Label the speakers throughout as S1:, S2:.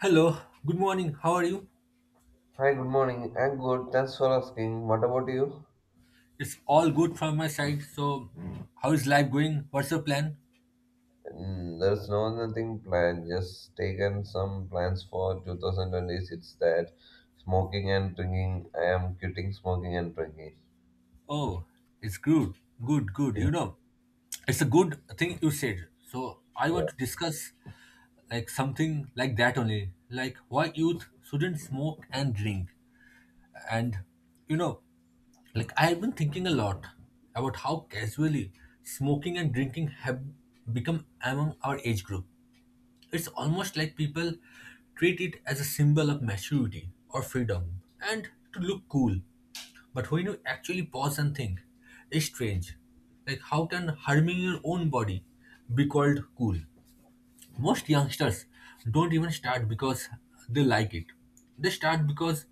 S1: Hello, good morning. How are you?
S2: Hi, good morning. I'm good. Thanks for asking. What about you?
S1: It's all good from my side. How is life going? What's your plan?
S2: There's nothing planned. Just taken some plans for 2026 that smoking and drinking. I am quitting smoking and drinking.
S1: Oh, it's good, good.
S2: Yeah.
S1: It's a good thing you said. So, I
S2: Yeah.
S1: want to discuss something like that only, like why youth shouldn't smoke and drink. And you know, I've been thinking a lot about how casually smoking and drinking have become among our age group. It's almost like people treat it as a symbol of maturity or freedom and to look cool. But when you actually pause and think, it's strange. Like, how can harming your own body be called cool? Most youngsters don't even start because they like it, they start because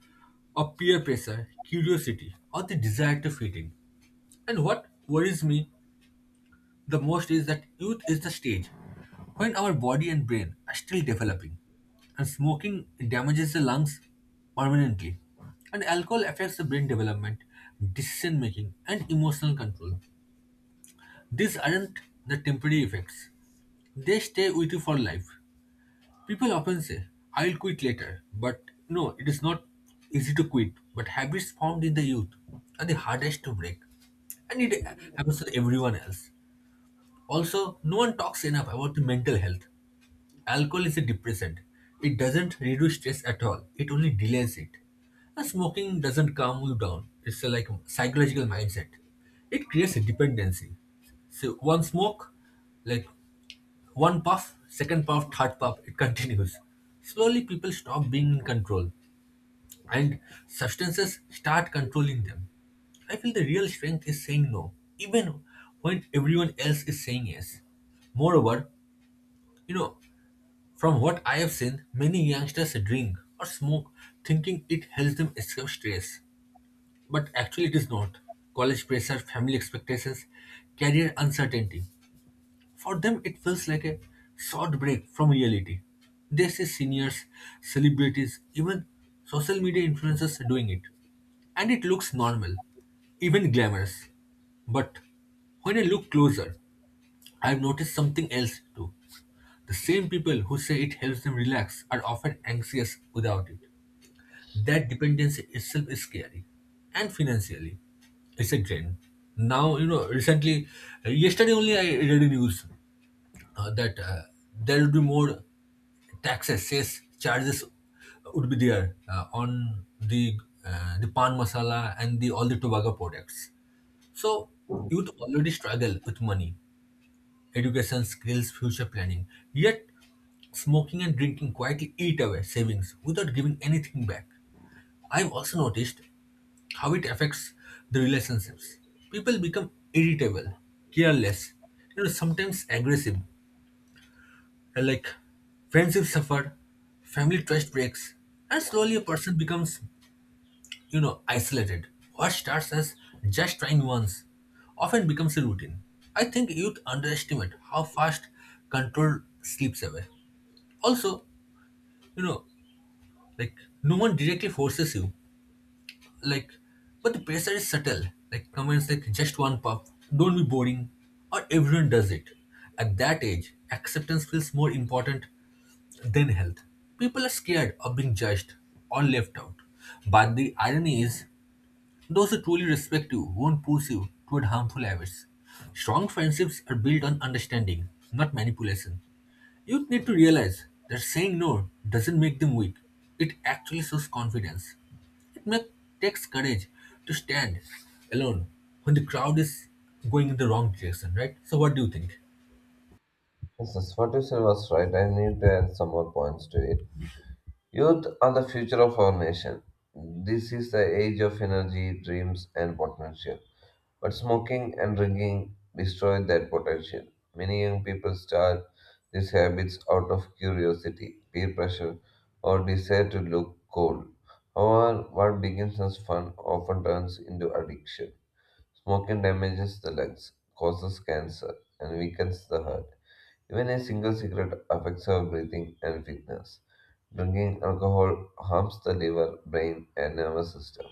S1: of peer pressure, curiosity, or the desire to fit in. And what worries me the most is that youth is the stage when our body and brain are still developing, and smoking damages the lungs permanently. And alcohol affects the brain development, decision making, and emotional control. These aren't the temporary effects, they stay with you for life. People often say, I'll quit later, but no, it is not easy to quit. But habits formed in the youth are the hardest to break, and it happens to everyone else. Also, no one talks enough about the mental health. Alcohol is a depressant. It doesn't reduce stress at all. It only delays it. And smoking doesn't calm you down. It's a, psychological mindset. It creates a dependency. So one smoke, like one puff, second puff, third puff, it continues. Slowly people stop being in control and substances start controlling them. I feel the real strength is saying no, even when everyone else is saying yes. Moreover, you know, from what I have seen, many youngsters drink or smoke thinking it helps them escape stress. But actually, it is not. College pressure, family expectations, career uncertainty, for them, it feels like a short break from reality. They see seniors, celebrities, even social media influencers doing it. And it looks normal, even glamorous. But when I look closer, I've noticed something else too. The same people who say it helps them relax are often anxious without it. That dependency itself is scary. And financially, it's a drain. Now, recently, yesterday only I read a news that there would be more taxes, sales charges would be there on the pan masala and the all the tobacco products. So youth already struggle with money, education, skills, future planning. Yet smoking and drinking quietly eat away savings without giving anything back. I've also noticed how it affects the relationships. People become irritable, careless, sometimes aggressive, and friendships suffer, family trust breaks, and slowly a person becomes, isolated. What starts as just trying once often becomes a routine. I think youth underestimate how fast control slips away. Also, you know, like no one directly forces you, like but the pressure is subtle, like comments like just one puff, don't be boring, or everyone does it. At that age acceptance feels more important than health. People are scared of being judged or left out, but the irony is those who truly respect you won't push you toward harmful habits. Strong friendships are built on understanding, not manipulation. Youth need to realize that saying no doesn't make them weak. It actually shows confidence. It may, Takes courage to stand alone when the crowd is going in the wrong direction, right? So, what do you think?
S2: Yes, what you said was right. I need to add some more points to it. Youth are the future of our nation. This is the age of energy, dreams, and potential. But smoking and drinking destroy that potential. Many young people start these habits out of curiosity, peer pressure, or desire to look cool. However, what begins as fun often turns into addiction. Smoking damages the lungs, causes cancer, and weakens the heart. Even a single cigarette affects our breathing and fitness. Drinking alcohol harms the liver, brain, and nervous system.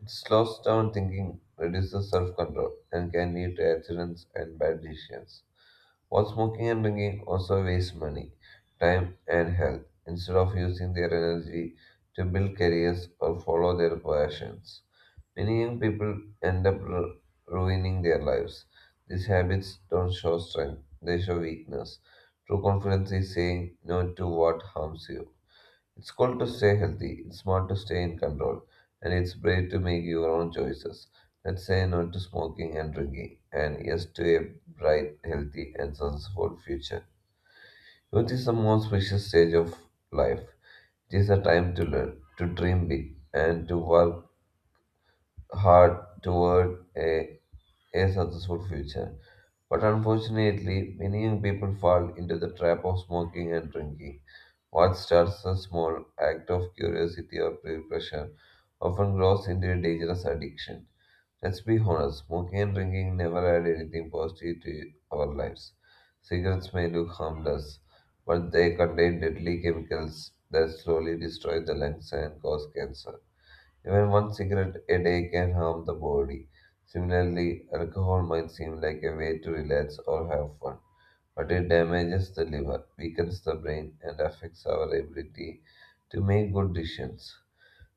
S2: It slows down thinking, reduces self control, and can lead to accidents and bad decisions. While smoking and drinking also waste money, time, and health instead of using their energy to build careers or follow their passions. Many young people end up ruining their lives. These habits don't show strength, they show weakness. True confidence is saying no to what harms you. It's cool to stay healthy, it's smart to stay in control, and it's brave to make your own choices. Let's say no to smoking and drinking, and yes to a bright, healthy, and successful future. Youth is the most precious stage of life. It is a time to learn, to dream big, and to work hard toward a successful future. But unfortunately, many young people fall into the trap of smoking and drinking. What starts as a small act of curiosity or peer pressure often grows into a dangerous addiction. Let's be honest, smoking and drinking never add anything positive to our lives. Cigarettes may look harmless, but they contain deadly chemicals that slowly destroy the lungs and cause cancer. Even one cigarette a day can harm the body. Similarly, alcohol might seem like a way to relax or have fun, but it damages the liver, weakens the brain, and affects our ability to make good decisions.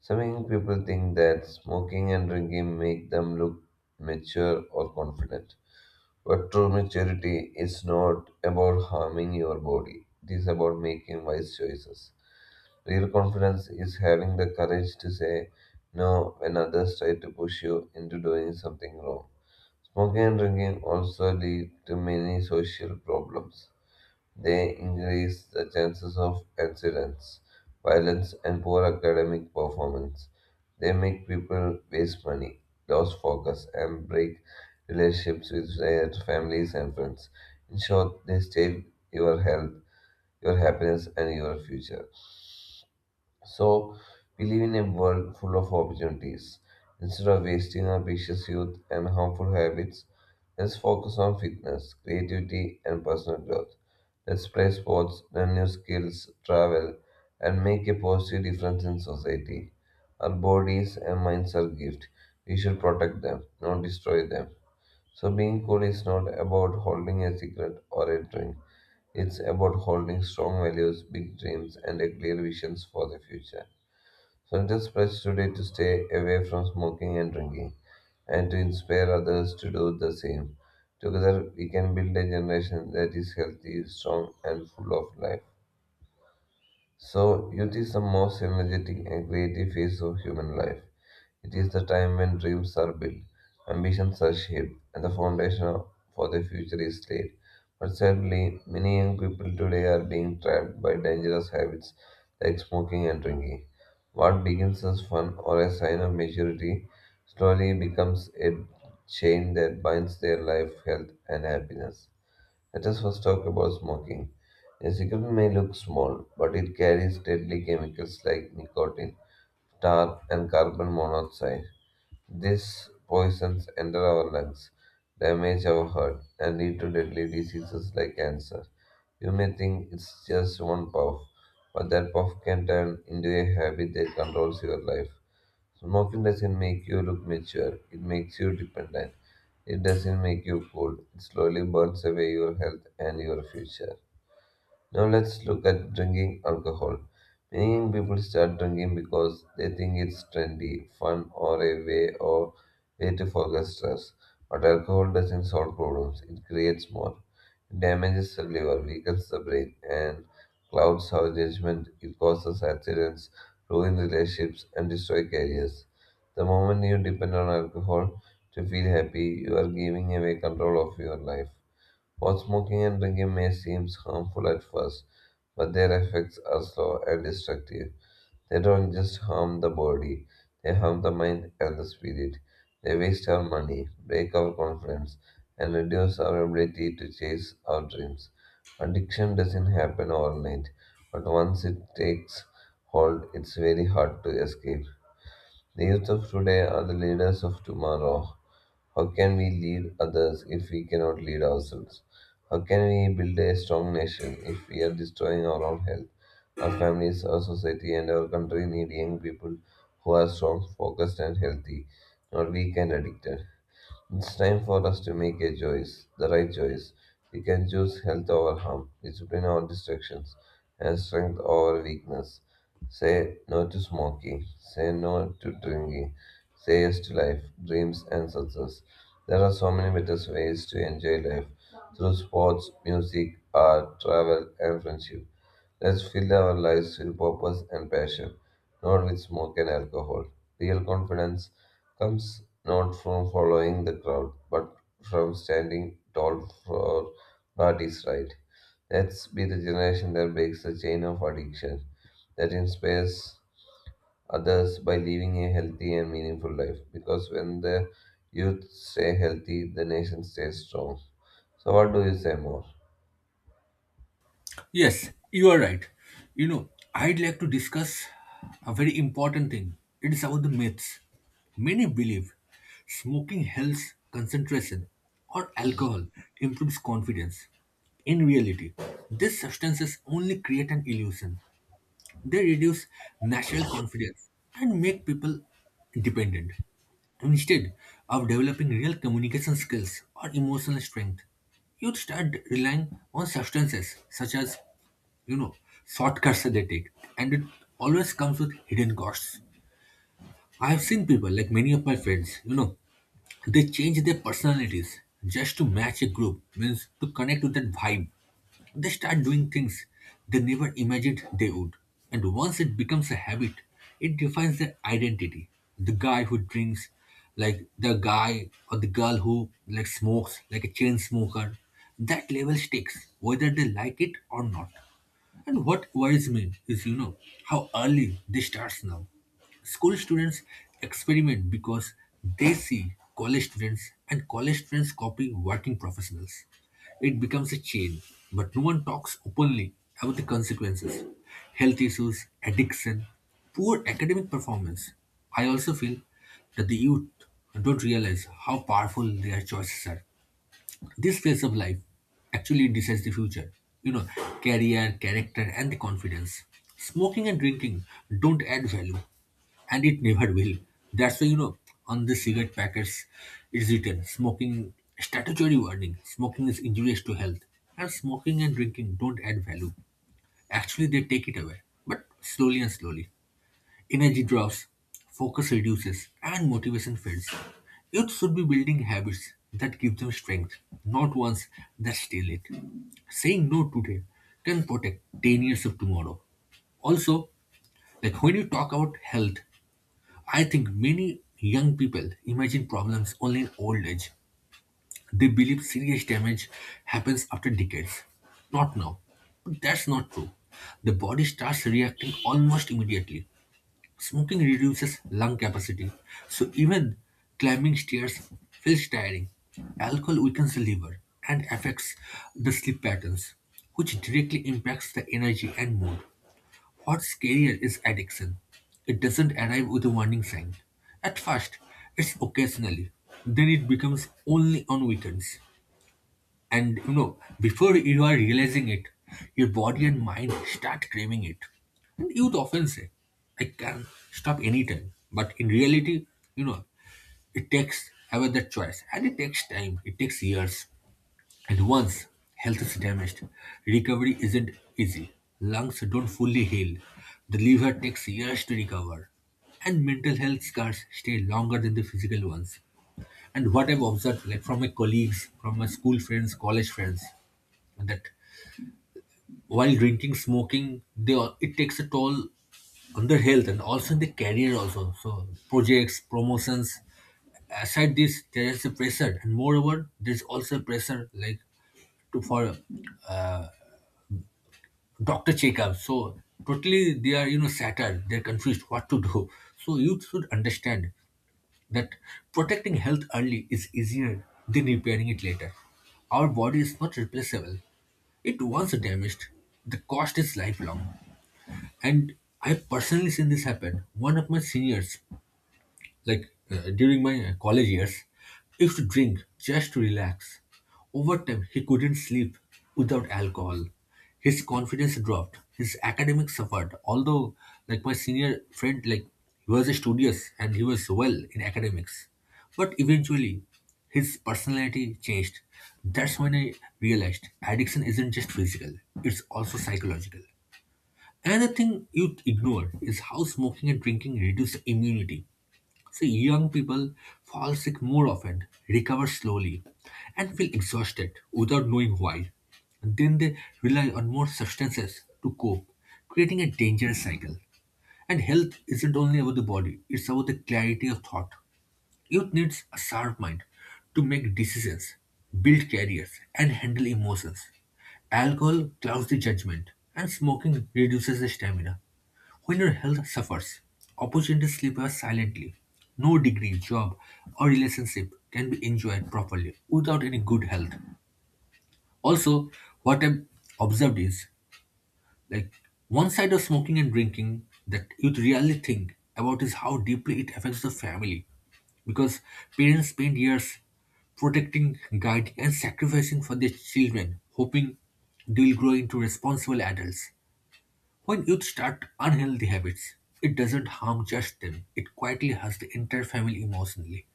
S2: Some young people think that smoking and drinking make them look mature or confident. But true maturity is not about harming your body, it is about making wise choices. Real confidence is having the courage to say no when others try to push you into doing something wrong. Smoking and drinking also lead to many social problems. They increase the chances of accidents, violence, and poor academic performance. They make people waste money, lose focus, and break relationships with their families and friends. In short, they steal your health, your happiness, and your future. So, we live in a world full of opportunities. Instead of wasting our precious youth and harmful habits, let's focus on fitness, creativity, and personal growth. Let's play sports, learn new skills, travel, and make a positive difference in society. Our bodies and minds are gifts. We should protect them, not destroy them. So, being cool is not about holding a secret or a drink. It's about holding strong values, big dreams, and a clear visions for the future. So, just pledge today to stay away from smoking and drinking and to inspire others to do the same. Together, we can build a generation that is healthy, strong, and full of life. So, youth is the most energetic and creative phase of human life. It is the time when dreams are built, ambitions are shaped, and the for the future is laid. But sadly, many young people today are being trapped by dangerous habits like smoking and drinking. What begins as fun or a sign of maturity slowly becomes a chain that binds their life, health, and happiness. Let us first talk about smoking. A cigarette may look small, but it carries deadly chemicals like nicotine, tar, and carbon monoxide. These poisons enter our lungs, damage our heart, and lead to deadly diseases like cancer. You may think it's just one puff, but that puff can turn into a habit that controls your life. Smoking doesn't make you look mature, it makes you dependent. It doesn't make you cool, it slowly burns away your health and your future. Now let's look at drinking alcohol. Many people start drinking because they think it's trendy, fun, or a way or way to forget stress. But alcohol doesn't solve problems; it creates more. It damages the liver, weakens the brain, and clouds our judgment. It causes accidents, ruins relationships, and destroys careers. The moment you depend on alcohol to feel happy, you are giving away control of your life. While smoking and drinking may seem harmful at first, but their effects are slow and destructive. They don't just harm the body, they harm the mind and the spirit. They waste our money, break our confidence, and reduce our ability to chase our dreams. Addiction doesn't happen overnight, but once it takes hold, it's very hard to escape. The youth of today are the leaders of tomorrow, how can we lead others if we cannot lead ourselves? How can we build a strong nation if we are destroying our own health? Our families, our society, and our country need young people who are strong, focused, and healthy, not weak and addicted. It's time for us to make a choice, the right choice. We can choose health over harm, discipline over distractions, and strength over weakness. Say no to smoking, say no to drinking, say yes to life, dreams, and success. There are so many better ways to enjoy life through sports, music, art, travel, and friendship. Let's fill our lives with purpose and passion, not with smoke and alcohol. Real confidence comes not from following the crowd, but from standing tall for what is right. Let's be the generation that breaks the chain of addiction, that inspires others by living a healthy and meaningful life. Because when the youth stay healthy, the nation stays strong. So, what do you say more?
S1: Yes, you are right. You know, I'd like to discuss a very important thing. It is about the myths. Many believe smoking helps concentration or alcohol improves confidence. In reality, these substances only create an illusion. They reduce national confidence and make people dependent instead of developing real communication skills or emotional strength. You'd start relying on substances such as, you know, shortcuts that they take, and it always comes with hidden costs. I've seen people, many of my friends, they change their personalities just to match a group, means to connect with that vibe. They start doing things they never imagined they would. And once it becomes a habit, it defines their identity. The guy who drinks, like the guy or the girl who smokes, like a chain smoker, that level sticks, whether they like it or not. And what worries me is, how early this starts now. School students experiment because they see college students, and college students copy working professionals. It becomes a chain, but no one talks openly about the consequences: health issues, addiction, poor academic performance. I also feel that the youth don't realize how powerful their choices are. This phase of life actually decides the future, you know, career, character, and the confidence. Smoking and drinking don't add value, and it never will. That's why, on the cigarette packets, it's written smoking statutory warning smoking is injurious to health, and smoking and drinking don't add value. Actually, they take it away, but slowly and slowly. Energy drops, focus reduces, and motivation fades. Youth should be building habits that give them strength, not ones that steal it. Saying no today can protect 10 years of tomorrow. Also, when you talk about health, I think many young people imagine problems only in old age. They believe serious damage happens after decades, not now. But that's not true. The body starts reacting almost immediately. Smoking reduces lung capacity, so even climbing stairs feels tiring. Alcohol weakens the liver and affects the sleep patterns, which directly impacts the energy and mood. What's scarier is addiction. It doesn't arrive with a warning sign. At first, it's occasionally, then it becomes only on weekends. And before you are realizing it, your body and mind start craving it. And youth often say, I can stop anytime. But in reality, you know, it takes ever that choice. And it takes time, it takes years. And once health is damaged, recovery isn't easy. Lungs don't fully heal. The liver takes years to recover. And mental health scars stay longer than the physical ones. And what I've observed, from my colleagues, from my school friends, college friends, that while drinking, smoking, they all, it takes a toll on their health and also the career also. So projects, promotions, aside this, there is a pressure, and moreover, there's also pressure to for doctor checkup. So totally, they are shattered. They're confused what to do. So you should understand that protecting health early is easier than repairing it later. Our body is not replaceable. It once damaged, the cost is lifelong. And I personally seen this happen. One of my seniors, during my college years, used to drink just to relax. Over time, he couldn't sleep without alcohol. His confidence dropped. His academics suffered. Although, my senior friend, he was studious and he was well in academics, but eventually, his personality changed. That's when I realized addiction isn't just physical; it's also psychological. Another youth ignore is how smoking and drinking reduce immunity. See, young people fall sick more often, recover slowly, and feel exhausted without knowing why. Then they rely on more substances to cope, creating a dangerous cycle. And health isn't only about the body, it's about the clarity of thought. Youth needs a sharp mind to make decisions, build careers, and handle emotions. Alcohol clouds the judgment, and smoking reduces the stamina. When your health suffers, opportunities slip away silently. No degree, job, or relationship can be enjoyed properly without any good health. Also, what I've observed is like one side of smoking and drinking that youth really think about is how deeply it affects the family. Because parents spend years protecting, guiding, and sacrificing for their children, hoping they'll grow into responsible adults. When youth start unhealthy habits, it doesn't harm just them, it quietly hurts the entire family emotionally.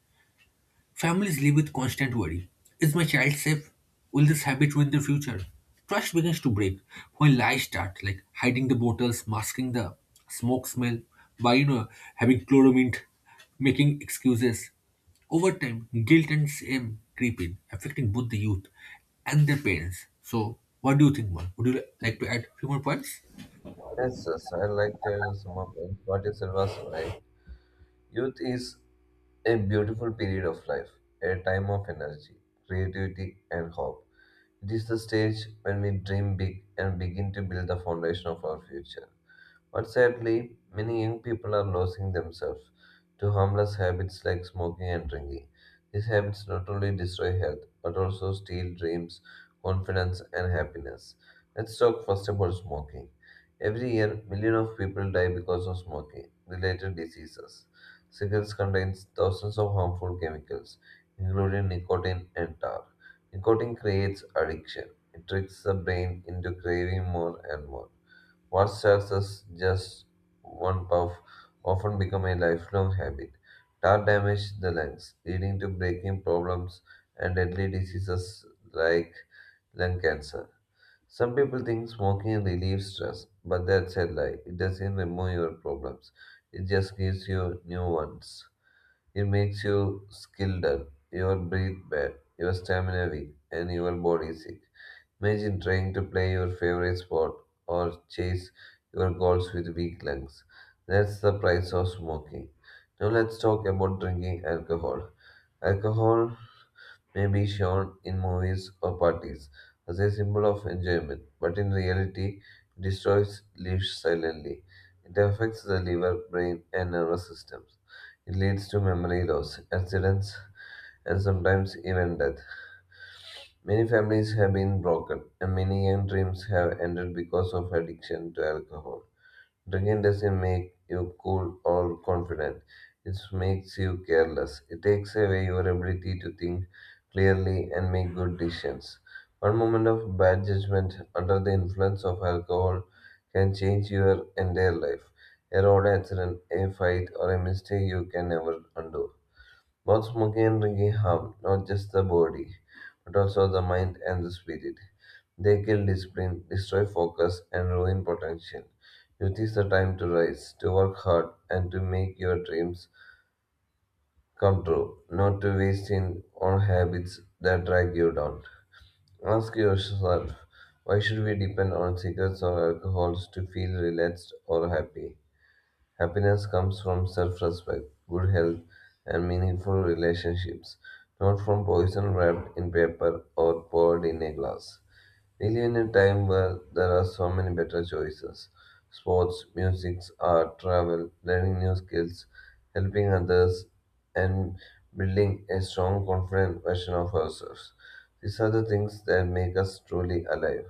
S1: Families live with constant worry. Is my child safe? Will this habit ruin their future? Trust begins to break when lies start, like hiding the bottles, masking the smoke smell, by having chloromint, making excuses. Over time, guilt and shame creep in, affecting both the youth and their parents. So, what do you think, man? Would you like to add a few more points?
S2: Yes, I like to sum up what you said was right. Youth is a beautiful period of life, a time of energy, creativity, and hope. It is the stage when we dream big and begin to build the foundation of our future. But sadly, many young people are losing themselves to harmless habits like smoking and drinking. These habits not only destroy health, but also steal dreams, confidence, and happiness. Let's talk first about smoking. Every year, millions of people die because of smoking related diseases. Cigarettes contain thousands of harmful chemicals, including nicotine and tar. Nicotine creates addiction. It tricks the brain into craving more and more. What starts as just one puff often become a lifelong habit. Tar damage the lungs, leading to breathing problems and deadly diseases like lung cancer. Some people think smoking relieves stress, but that's a lie. It doesn't remove your problems. It just gives you new ones. It makes you skill dull, your breath bad, your stamina weak, and your body sick. Imagine trying to play your favorite sport or chase your goals with weak lungs. That's the price of smoking. Now let's talk about drinking alcohol. Alcohol may be shown in movies or parties as a symbol of enjoyment, but in reality, it destroys lives silently. It affects the liver, brain, and nervous systems. It leads to memory loss, accidents, and sometimes even death. Many families have been broken, and many young dreams have ended because of addiction to alcohol. Drinking doesn't make you cool or confident, it makes you careless. It takes away your ability to think clearly and make good decisions. One moment of bad judgment under the influence of alcohol can change your entire life. A road accident, a fight, or a mistake you can never undo. Both smoking and drinking harm not just the body, but also the mind and the spirit. They kill discipline, destroy focus, and ruin potential. Youth is the time to rise, to work hard, and to make your dreams come true, not to waste in on habits that drag you down. Ask yourself, why should we depend on cigarettes or alcohols to feel relaxed or happy? Happiness comes from self respect, good health, and meaningful relationships, not from poison wrapped in paper or poured in a glass. We live in a time where there are so many better choices sports, music, art, travel, learning new skills, helping others, and building a strong, confident version of ourselves. These are the things that make us truly alive.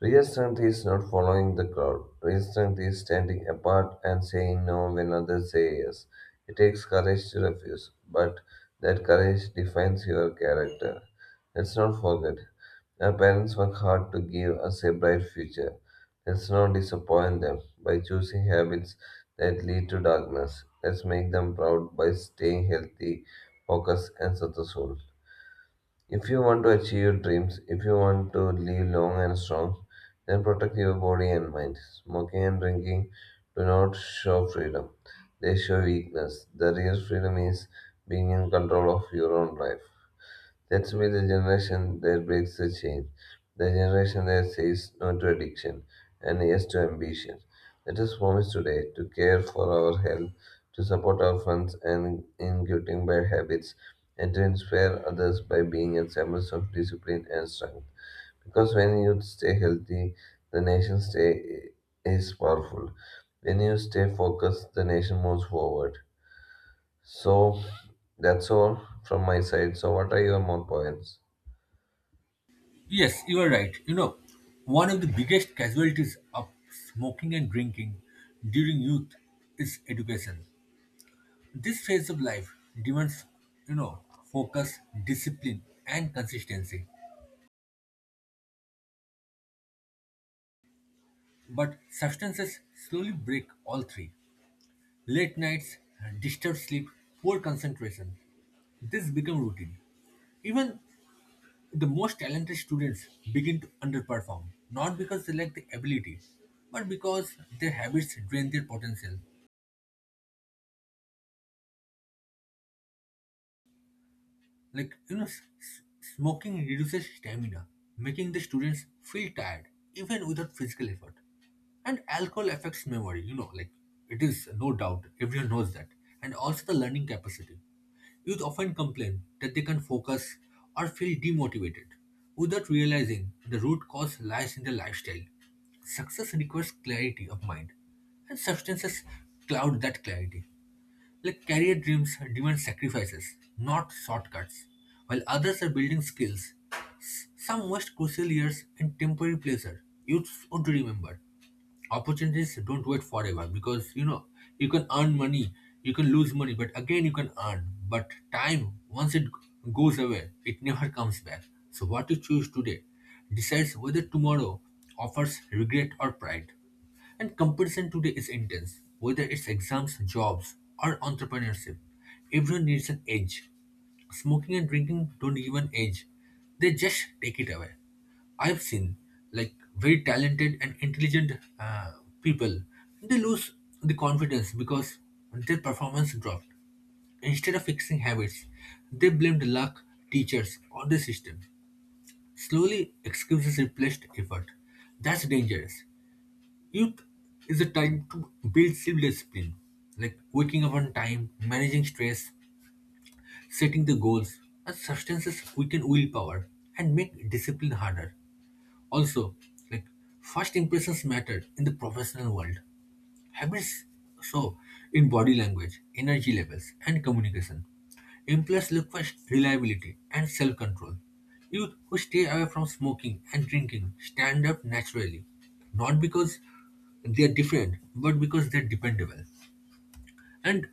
S2: Real strength is not following the crowd. Real strength is standing apart and saying no when others say yes. It takes courage to refuse, but that courage defines your character. Let's not forget, our parents work hard to give us a bright future. Let's not disappoint them by choosing habits that lead to darkness. Let's make them proud by staying healthy, focused, and successful. If you want to achieve your dreams, if you want to live long and strong, then protect your body and mind. Smoking and drinking do not show freedom, they show weakness. The real freedom is being in control of your own life. That's why the generation that breaks the chain, the generation that says no to addiction and yes to ambition. Let us promise today to care for our health, to support our friends and in getting bad habits, and to inspire others by being examples of discipline and strength. Because when you stay healthy, the nation stay is powerful. When you stay focused, the nation moves forward. So that's all from my side. So what are your more points?
S1: Yes, you are right. You know, one of the biggest casualties of smoking and drinking during youth is education. This phase of life demands, you know, focus, discipline, and consistency. But substances slowly break all three. Late nights, disturbed sleep, poor concentration. This become routine. Even the most talented students begin to underperform, not because they lack the ability, but because their habits drain their potential. Like, smoking reduces stamina, making the students feel tired, even without physical effort. And alcohol affects memory, you know, like it is no doubt, everyone knows that. And also the learning capacity. Youth often complain that they can't focus or feel demotivated without realizing the root cause lies in their lifestyle. Success requires clarity of mind, and substances cloud that clarity. Like, career dreams demand sacrifices, not shortcuts. While others are building skills, some waste crucial years in temporary pleasure. You should remember, opportunities don't wait forever, because you know you can earn money, you can lose money, but again you can earn. But time, once it goes away, it never comes back. So what you choose today decides whether tomorrow offers regret or pride. And competition today is intense, whether it's exams, jobs, or entrepreneurship. Everyone needs an edge. Smoking and drinking don't give an edge, they just take it away. I've seen, like, very talented and intelligent uh, people, they lose the confidence because their performance dropped. Instead of fixing habits, they blamed luck, teachers, or the system. Slowly, excuses replaced effort. That's dangerous. Youth is a time to build self-discipline, like waking up on time, managing stress, setting the goals, and substances weaken willpower and make discipline harder. Also, like, first impressions matter in the professional world. Habits show in body language, energy levels, and communication. Employees look for reliability and self control. Youth who stay away from smoking and drinking stand up naturally, not because they are different, but because they are dependable. And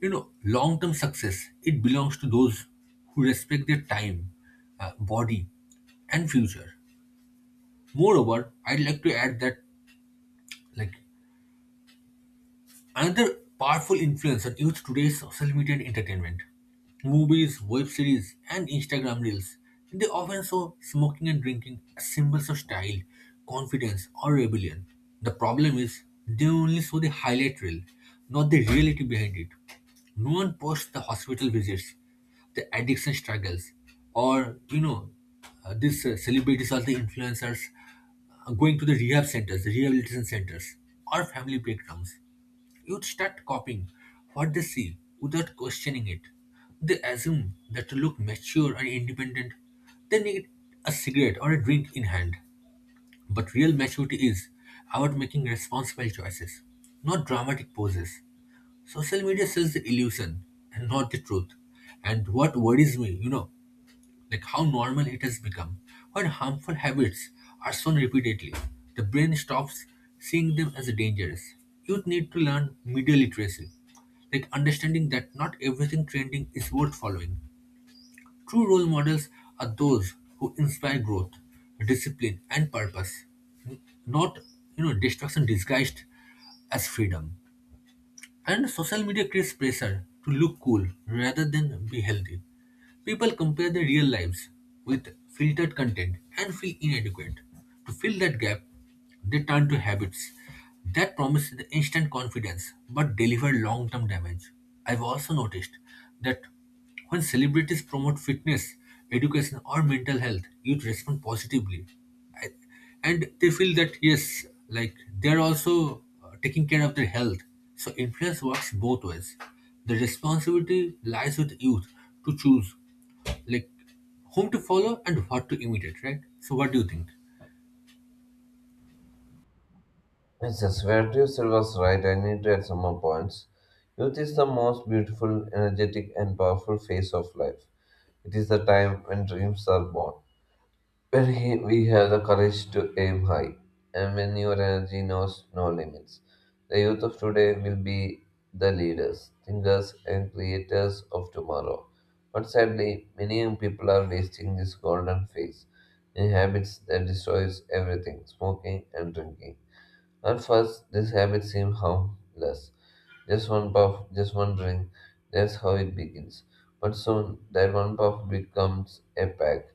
S1: you know, long term success, it belongs to those who respect their time, body, and future. Moreover, I'd like to add that, like, another powerful influencer used today's social media and entertainment. Movies, web series, and Instagram reels. They often show smoking and drinking as symbols of style, confidence, or rebellion. The problem is they only show the highlight reel, not the reality behind it. No one posts the hospital visits, the addiction struggles, or you know, these celebrities or the influencers going to the rehab centers, the rehabilitation centers, or family breakdowns. You start copying what they see without questioning it. They assume that to look mature and independent, they need a cigarette or a drink in hand. But real maturity is about making responsible choices, not dramatic poses. Social media sells the illusion and not the truth. And what worries me, you know, like how normal it has become. When harmful habits are shown repeatedly, the brain stops seeing them as dangerous. Youth need to learn media literacy, like understanding that not everything trending is worth following. True role models are those who inspire growth, discipline, and purpose, not, you know, destruction disguised as freedom. And social media creates pressure to look cool rather than be healthy. People compare their real lives with filtered content and feel inadequate. To fill that gap, they turn to habits that promise the instant confidence but deliver long term damage. I've also noticed that when celebrities promote fitness, education, or mental health, youth respond positively, and they feel that, yes, like, they're also taking care of their health. So influence works both ways. The responsibility lies with youth to choose, like, whom to follow and what to imitate, right? So what do you think?
S2: Princess, where do you said was right, I need to add some more points. Youth is the most beautiful, energetic, and powerful phase of life. It is the time when dreams are born, when we have the courage to aim high, and when your energy knows no limits. The youth of today will be the leaders, thinkers, and creators of tomorrow. But sadly, many young people are wasting this golden phase in habits that destroys everything, smoking and drinking. At first, this habit seems harmless. Just one puff, just one drink, that's how it begins. But soon, that one puff becomes a pack.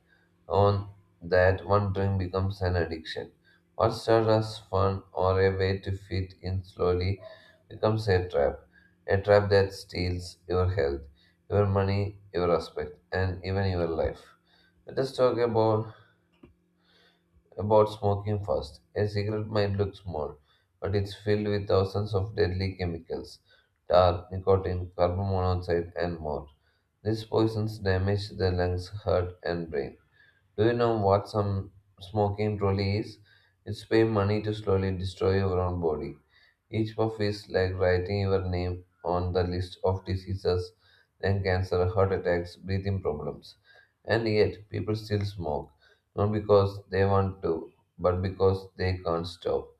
S2: On that, one drink becomes an addiction. What started as fun or a way to fit in slowly becomes a trap. A trap that steals your health, your money, your respect, and even your life. Let us talk about smoking first. A cigarette might look small, but it's filled with thousands of deadly chemicals tar, nicotine, carbon monoxide, and more. These poisons damage the lungs, heart, and brain. Do you know what some smoking truly is? It's paying money to slowly destroy your own body. Each puff is like writing your name on the list of diseases, then cancer, heart attacks, breathing problems. And yet, people still smoke, not because they want to, but because they can't stop.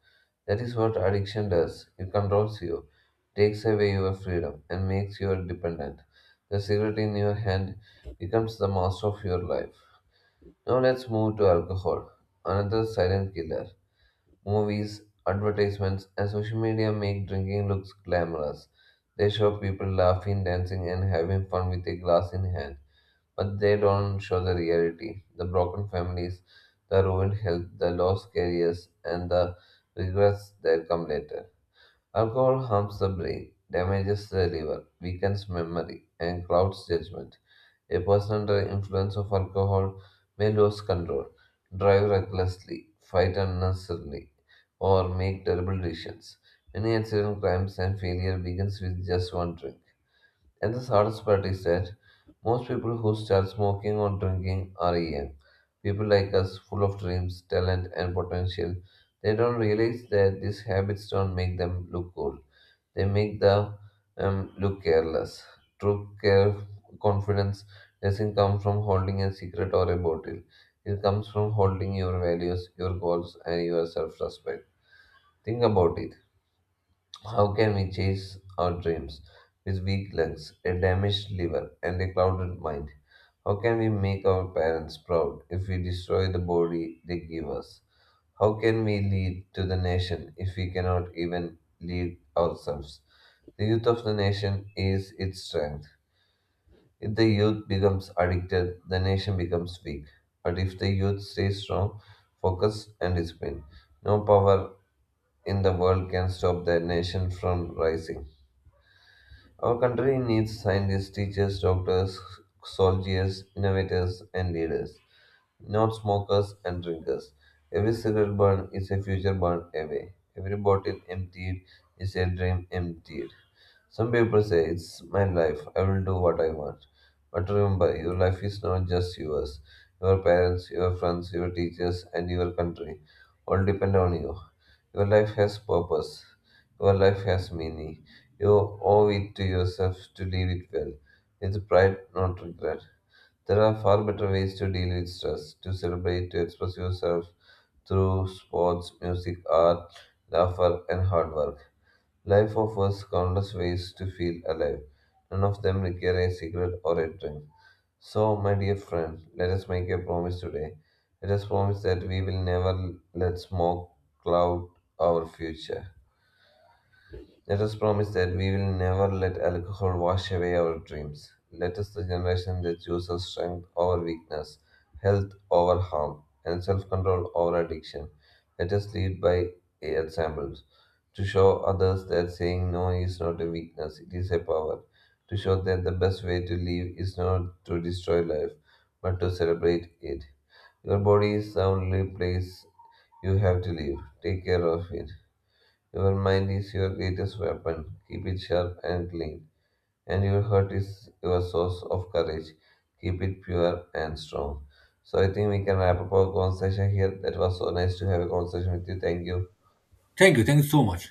S2: That is what addiction does. It controls you, takes away your freedom, and makes you dependent. The cigarette in your hand becomes the master of your life. Now let's move to alcohol, another silent killer. Movies, advertisements, and social media make drinking looks glamorous. They show people laughing, dancing, and having fun with a glass in hand. But they don't show the reality the broken families, the ruined health, the lost careers, and the regrets that come later. Alcohol harms the brain, damages the liver, weakens memory, and clouds judgment. A person under influence of alcohol may lose control, drive recklessly, fight unnecessarily, or make terrible decisions. Many accident crimes and failure begins with just one drink. And the saddest part is that most people who start smoking or drinking are young. People like us, full of dreams, talent, and potential, they don't realize that these habits don't make them look cool. They make them look careless. True care, confidence doesn't come from holding a secret or a bottle. It comes from holding your values, your goals, and your self-respect. Think about it. How can we chase our dreams with weak lungs, a damaged liver, and a clouded mind? How can we make our parents proud if we destroy the body they give us? How can we lead to the nation if we cannot even lead ourselves? The youth of the nation is its strength. If the youth becomes addicted, the nation becomes weak. But if the youth stays strong, focused, and disciplined, no power in the world can stop the nation from rising. Our country needs scientists, teachers, doctors, soldiers, innovators, and leaders not smokers and drinkers. Every cigarette burned is a future burned away. Every bottle emptied is a dream emptied. Some people say, "It's my life, I will do what I want." But remember, your life is not just yours. Your parents, your friends, your teachers, and your country all depend on you. Your life has purpose. Your life has meaning. You owe it to yourself to live it well, with pride, not regret. There are far better ways to deal with stress, to celebrate, to express yourself through sports, music, art, laughter, and hard work. Life offers countless ways to feel alive. None of them require a cigarette or a drink. So, my dear friend, let us make a promise today. Let us promise that we will never let smoke cloud our future. Let us promise that we will never let alcohol wash away our dreams. Let us the generation that chooses strength over weakness, health over harm, and self control over addiction. Let us lead by examples to show others that saying no is not a weakness, it is a power. To show that the best way to live is not to destroy life, but to celebrate it. Your body is the only place you have to live. Take care of it. Your mind is your greatest weapon. Keep it sharp and clean. And your heart is your source of courage. Keep it pure and strong. So I think we can wrap up our conversation here. That was so nice to have a conversation with you. Thank you.
S1: Thank you, thank you so much.